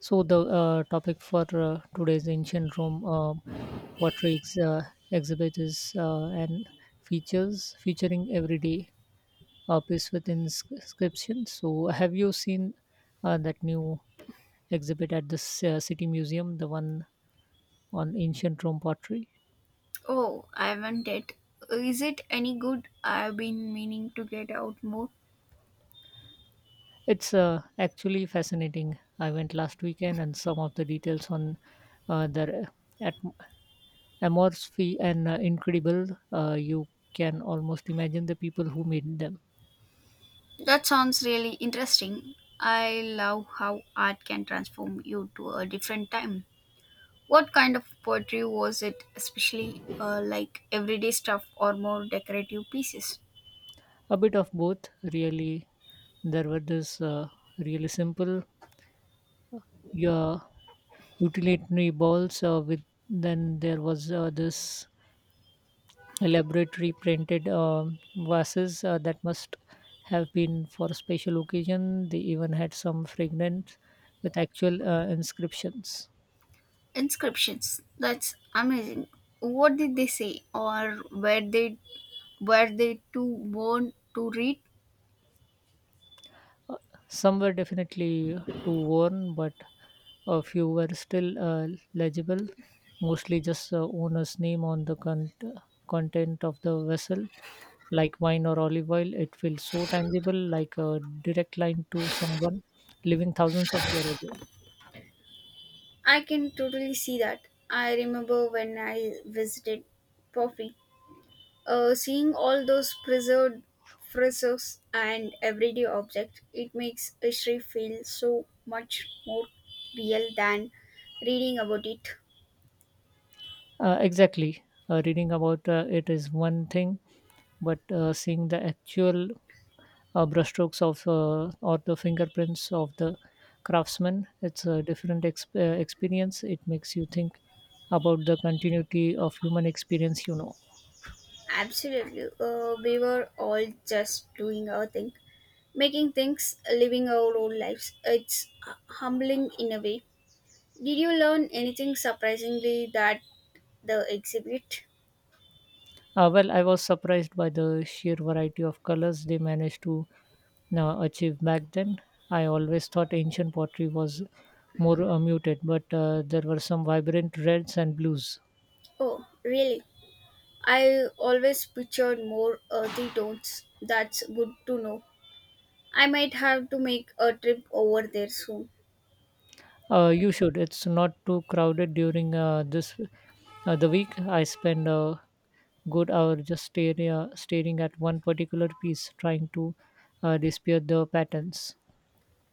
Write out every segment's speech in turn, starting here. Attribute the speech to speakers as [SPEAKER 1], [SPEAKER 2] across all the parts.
[SPEAKER 1] So the topic for today's ancient Rome portraits exhibit is and features featuring everyday piece with inscription. So have you seen that new exhibit at the city museum, the one on ancient Rome pottery?
[SPEAKER 2] Oh, I haven't. Is it any good? I've been meaning to get out more.
[SPEAKER 1] It's actually fascinating. I went last weekend, and some of the details on the at amorphy and incredible. You can almost imagine the people who made them.
[SPEAKER 2] That sounds really interesting. I love how art can transform you to a different time. What kind of poetry was it, especially like everyday stuff or more decorative pieces?
[SPEAKER 1] A bit of both, really. There were this really simple, yeah, utilitarian balls with. Then there was this elaborate reprinted vases that must have been for a special occasion. They even had some fragments with actual inscriptions.
[SPEAKER 2] Inscriptions. That's amazing. What did they say, or were they too born to read?
[SPEAKER 1] Some were definitely too worn, but a few were still legible, mostly just owner's name on the content of the vessel, like wine or olive oil. It feels so tangible, like a direct line to someone living thousands of years ago.
[SPEAKER 2] I can totally see that. I remember when I visited Poffy, seeing all those preserved frescoes and everyday objects, it makes history feel so much more real than reading about it.
[SPEAKER 1] Exactly. Reading about it is one thing, but seeing the actual brushstrokes of or the fingerprints of the craftsman, it's a different experience. It makes you think about the continuity of human experience, you know.
[SPEAKER 2] Absolutely, we were all just doing our thing, making things, living our own lives. It's humbling in a way. Did you learn anything surprisingly that the exhibit?
[SPEAKER 1] Well, I was surprised by the sheer variety of colors they managed to achieve back then. I always thought ancient pottery was more muted, but there were some vibrant reds and blues.
[SPEAKER 2] Oh, really? I always pictured more earthy tones. That's good to know. I might have to make a trip over there soon.
[SPEAKER 1] You should. It's not too crowded during this the week. I spend a good hour just staring at one particular piece, trying to dispute the patterns.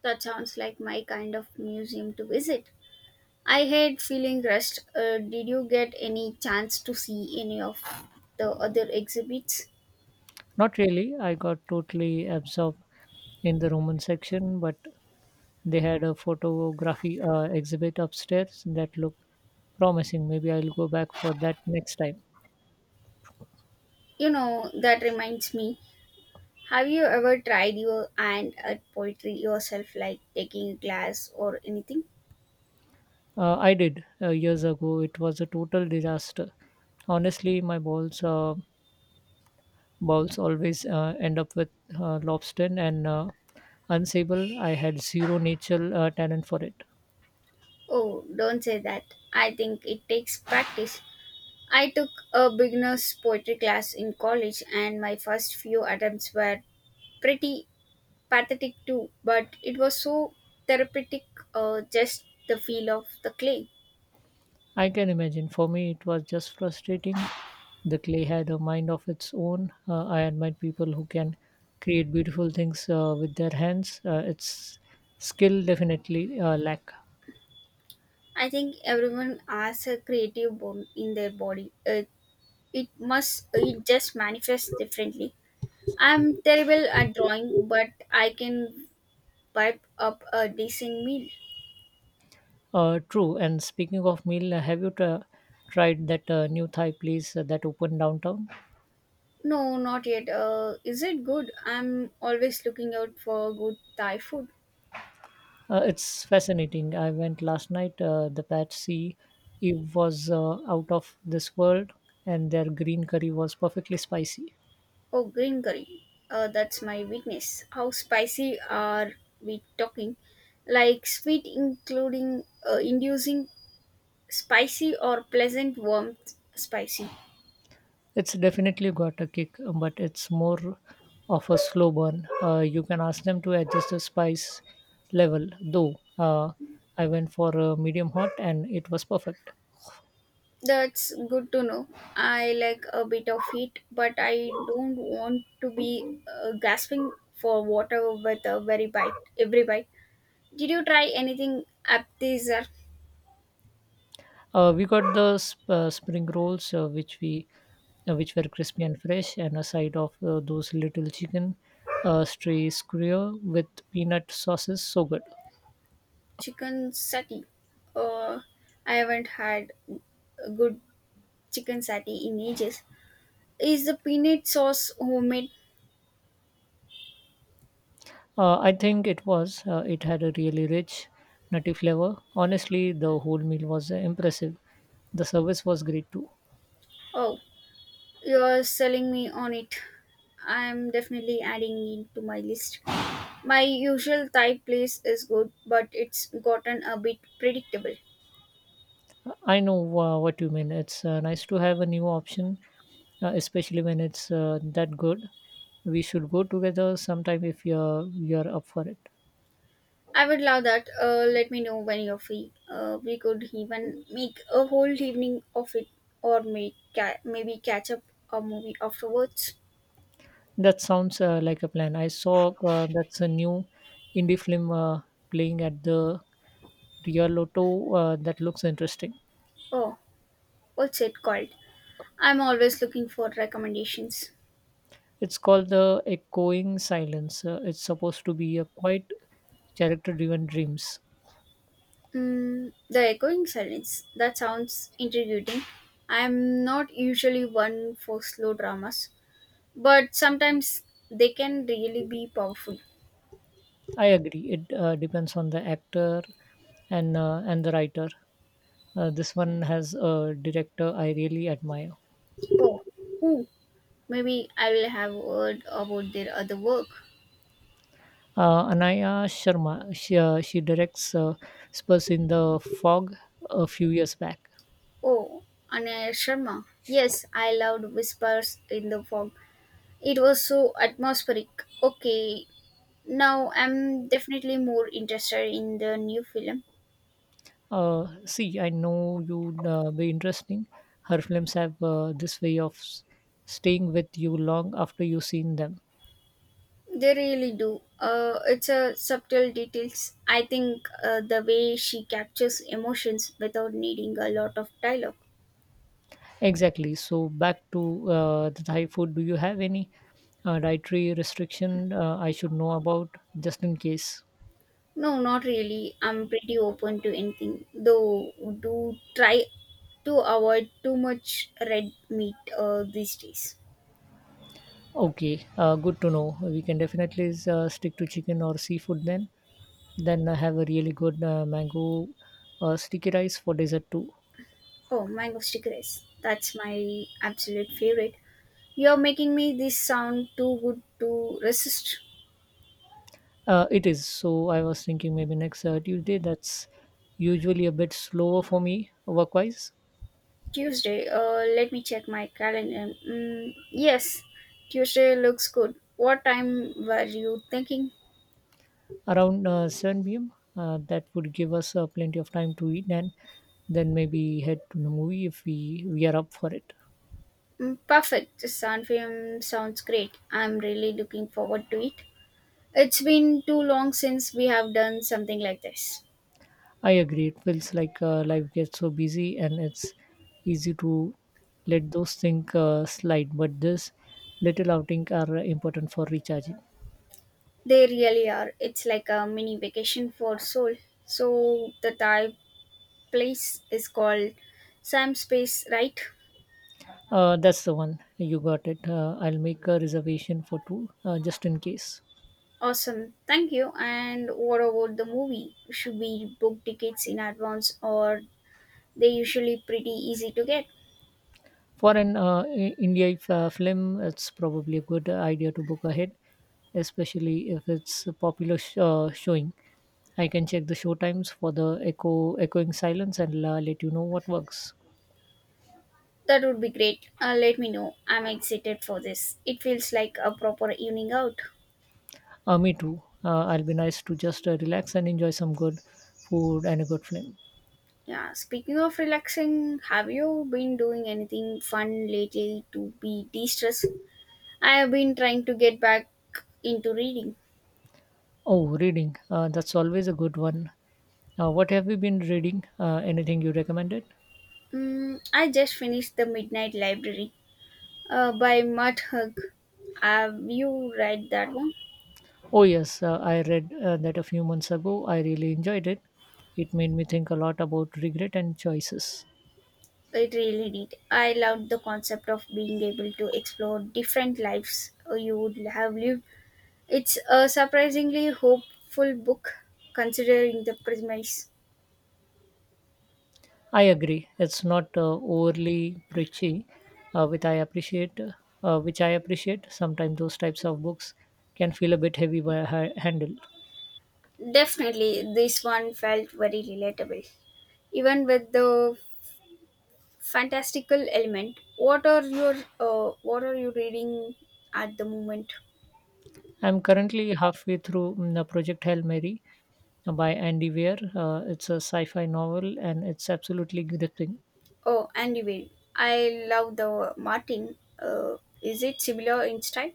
[SPEAKER 2] That sounds like my kind of museum to visit. I hate feeling rushed. Did you get any chance to see any of the other exhibits?
[SPEAKER 1] Not really. I got totally absorbed in the Roman section, but they had a photography exhibit upstairs that looked promising. Maybe I'll go back for that next time.
[SPEAKER 2] You know, that reminds me. Have you ever tried your hand at poetry yourself, like taking a class or anything?
[SPEAKER 1] I did years ago. It was a total disaster, honestly. My balls bowls always end up with lobster and unsable. I had zero natural talent for it.
[SPEAKER 2] Oh, don't say that. I think it takes practice. I took a beginner's poetry class in college, and my first few attempts were pretty pathetic too, but it was so therapeutic, just the feel of the clay.
[SPEAKER 1] I can imagine. For me, it was just frustrating. The clay had a mind of its own. I admire people who can create beautiful things with their hands. It's skill definitely lack.
[SPEAKER 2] I think everyone has a creative bone in their body. It just manifests differently. I'm terrible at drawing, but I can wipe up a decent meal.
[SPEAKER 1] True. And speaking of meal, have you tried that new Thai place that opened downtown?
[SPEAKER 2] No, not yet. Is it good? I'm always looking out for good Thai food.
[SPEAKER 1] It's fascinating. I went last night. The Patsy Eve was out of this world, and their green curry was perfectly spicy.
[SPEAKER 2] Oh, green curry. That's my weakness. How spicy are we talking? Like sweet, including inducing spicy or pleasant warmth spicy.
[SPEAKER 1] It's definitely got a kick, but it's more of a slow burn. You can ask them to adjust the spice level, though. I went for a medium hot, and it was perfect.
[SPEAKER 2] That's good to know. I like a bit of heat, but I don't want to be gasping for water with every bite. Did you try anything appetizer?
[SPEAKER 1] We got the spring rolls, which were crispy and fresh, and a side of those little chicken stray skewer with peanut sauces. So good.
[SPEAKER 2] Chicken satay? Uh, I haven't had a good chicken satay in ages. Is the peanut sauce homemade?
[SPEAKER 1] I think it was. It had a really rich, nutty flavor. Honestly, the whole meal was impressive. The service was great too.
[SPEAKER 2] Oh, you're selling me on it. I'm definitely adding it to my list. My usual Thai place is good, but it's gotten a bit predictable.
[SPEAKER 1] I know what you mean. It's nice to have a new option, especially when it's that good. We should go together sometime if you're up for it.
[SPEAKER 2] I would love that. Let me know when you're free. We could even make a whole evening of it, or maybe catch up a movie afterwards.
[SPEAKER 1] That sounds like a plan. I saw that's a new indie film playing at the Rio Lotto that looks interesting.
[SPEAKER 2] Oh, what's it called? I'm always looking for recommendations.
[SPEAKER 1] It's called The Echoing Silence. It's supposed to be a quite character driven dreams.
[SPEAKER 2] Mm, the echoing silence. That sounds intriguing. I am not usually one for slow dramas, but sometimes they can really be powerful.
[SPEAKER 1] I agree. It depends on the actor and the writer. This one has a director I really admire.
[SPEAKER 2] Oh, who? Maybe I will have heard about their other work.
[SPEAKER 1] Anaya Sharma, she directs Spurs in the Fog a few years back.
[SPEAKER 2] Oh, Anaya Sharma. Yes, I loved Whispers in the Fog. It was so atmospheric. Okay, now I'm definitely more interested in the new film.
[SPEAKER 1] See, I know you'd be interesting. Her films have this way of staying with you long after you've seen them.
[SPEAKER 2] They really do. It's a subtle details. I think the way she captures emotions without needing a lot of dialogue.
[SPEAKER 1] Exactly. So back to the Thai food. Do you have any dietary restriction I should know about, just in case?
[SPEAKER 2] No, not really. I'm pretty open to anything, though. Do try to avoid too much red meat these days.
[SPEAKER 1] Okay, good to know. We can definitely stick to chicken or seafood then. Then I have a really good mango sticky rice for dessert too.
[SPEAKER 2] Oh, mango sticky rice. That's my absolute favorite. You're making me this sound too good to resist.
[SPEAKER 1] It is. So I was thinking maybe next Tuesday. That's usually a bit slower for me work-wise.
[SPEAKER 2] Tuesday. Let me check my calendar. Mm, yes, Tuesday looks good. What time were you thinking?
[SPEAKER 1] Around 7 p.m. That would give us plenty of time to eat and then maybe head to the movie if we are up for it.
[SPEAKER 2] Mm, perfect. The Sun film sounds great. I'm really looking forward to it. It's been too long since we have done something like this.
[SPEAKER 1] I agree. It feels like life gets so busy and it's easy to let those things slide. But this little outing are important for recharging.
[SPEAKER 2] They really are. It's like a mini vacation for soul. So the Thai place is called Sam Space, right?
[SPEAKER 1] That's the one. You got it. I'll make a reservation for two, just in case.
[SPEAKER 2] Awesome. Thank you. And what about the movie? Should we book tickets in advance or they usually pretty easy to get?
[SPEAKER 1] For an India film, it's probably a good idea to book ahead, especially if it's a popular showing. I can check the show times for the echoing silence and let you know what works.
[SPEAKER 2] That would be great. Let me know. I'm excited for this. It feels like a proper evening out.
[SPEAKER 1] Me too. I'll be nice to just relax and enjoy some good food and a good film.
[SPEAKER 2] Yeah, speaking of relaxing, have you been doing anything fun lately to be de stress? I have been trying to get back into reading.
[SPEAKER 1] Oh, reading. That's always a good one. What have you been reading? Anything you recommended?
[SPEAKER 2] Mm, I just finished The Midnight Library by Matt Hug. Have you read that one?
[SPEAKER 1] Oh, yes, I read that a few months ago. I really enjoyed it. It made me think a lot about regret and choices.
[SPEAKER 2] It really did. I loved the concept of being able to explore different lives you would have lived. It's a surprisingly hopeful book considering the premise.
[SPEAKER 1] I agree. It's not overly preachy, which I appreciate. Sometimes those types of books can feel a bit heavy by handle.
[SPEAKER 2] Definitely, this one felt very relatable. Even with the fantastical element, what are you reading at the moment?
[SPEAKER 1] I'm currently halfway through the Project Hail Mary by Andy Weir. It's a sci-fi novel, and it's absolutely gripping.
[SPEAKER 2] Oh, anyway, I love the Martin. Is it similar in style?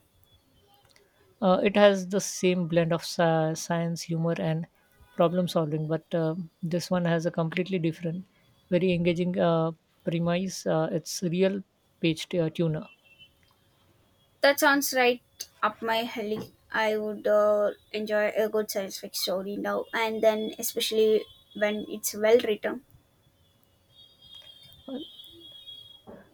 [SPEAKER 1] It has the same blend of science, humor, and problem solving, but this one has a completely different, very engaging premise. It's real page tuner.
[SPEAKER 2] That sounds right up my alley. I would enjoy a good science fiction story now and then, especially when it's well written.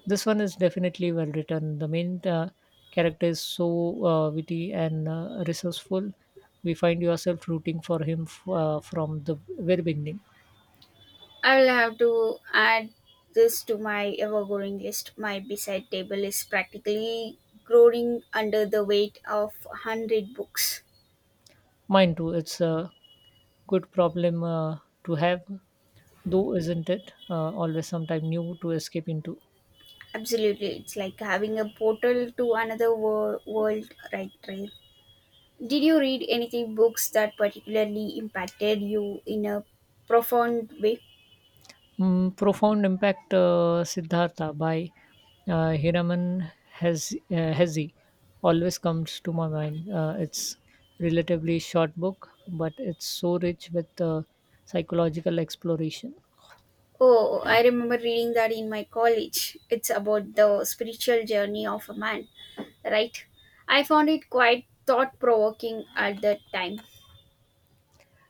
[SPEAKER 1] This one is definitely well written. The main character is so witty and resourceful. We find yourself rooting for him from the very beginning.
[SPEAKER 2] I will have to add this to my ever growing list. My bedside table is practically growing under the weight of 100 books.
[SPEAKER 1] Mine too. It's a good problem to have, though, isn't it? Always sometime new to escape into.
[SPEAKER 2] Absolutely, it's like having a portal to world right there. Did you read anything books that particularly impacted you in a profound way?
[SPEAKER 1] Profound impact Siddhartha by Hiraman Hezi always comes to my mind. It's relatively short book, but it's so rich with psychological exploration.
[SPEAKER 2] Oh, I remember reading that in my college. It's about the spiritual journey of a man, right? I found it quite thought provoking at that time.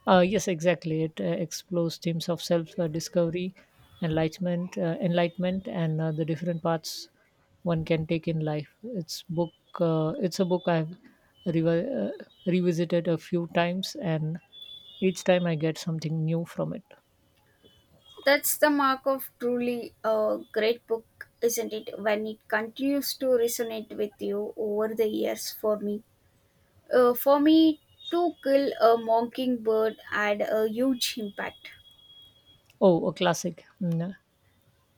[SPEAKER 1] Yes, exactly. It explores themes of self-discovery, enlightenment, and the different paths one can take in life. It's book. It's a book I've revisited a few times, and each time I get something new from it.
[SPEAKER 2] That's the mark of truly a great book, isn't it? When it continues to resonate with you over the years for me. For me, To Kill a Mockingbird had a huge impact.
[SPEAKER 1] Oh, a classic. Mm.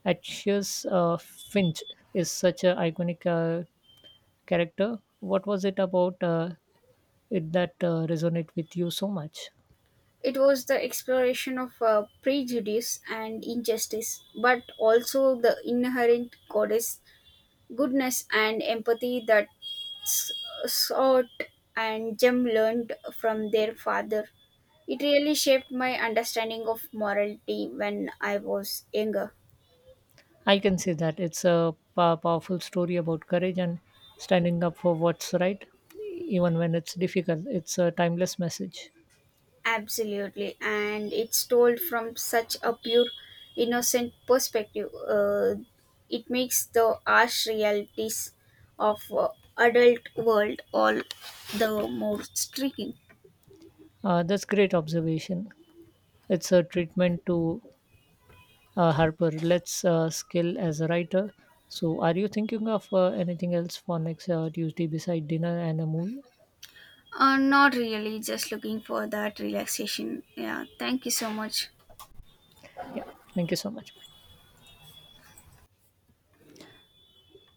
[SPEAKER 1] Atticus Finch is such an iconic character. What was it about it that resonate with you so much?
[SPEAKER 2] It was the exploration of prejudice and injustice, but also the inherent goddess goodness and empathy that s- sought and Jem learned from their father. It really shaped my understanding of morality when I was younger.
[SPEAKER 1] I can say that it's a powerful story about courage and standing up for what's right, even when it's difficult. It's a timeless message.
[SPEAKER 2] Absolutely, and it's told from such a pure, innocent perspective. It makes the harsh realities of adult world all the more striking.
[SPEAKER 1] That's great observation. It's a treatment to Harper. Let's skill as a writer. So, are you thinking of anything else for next Tuesday beside dinner and a movie?
[SPEAKER 2] Not really, just looking for that relaxation. Yeah, thank you so much.
[SPEAKER 1] Yeah, thank you so much. Bye.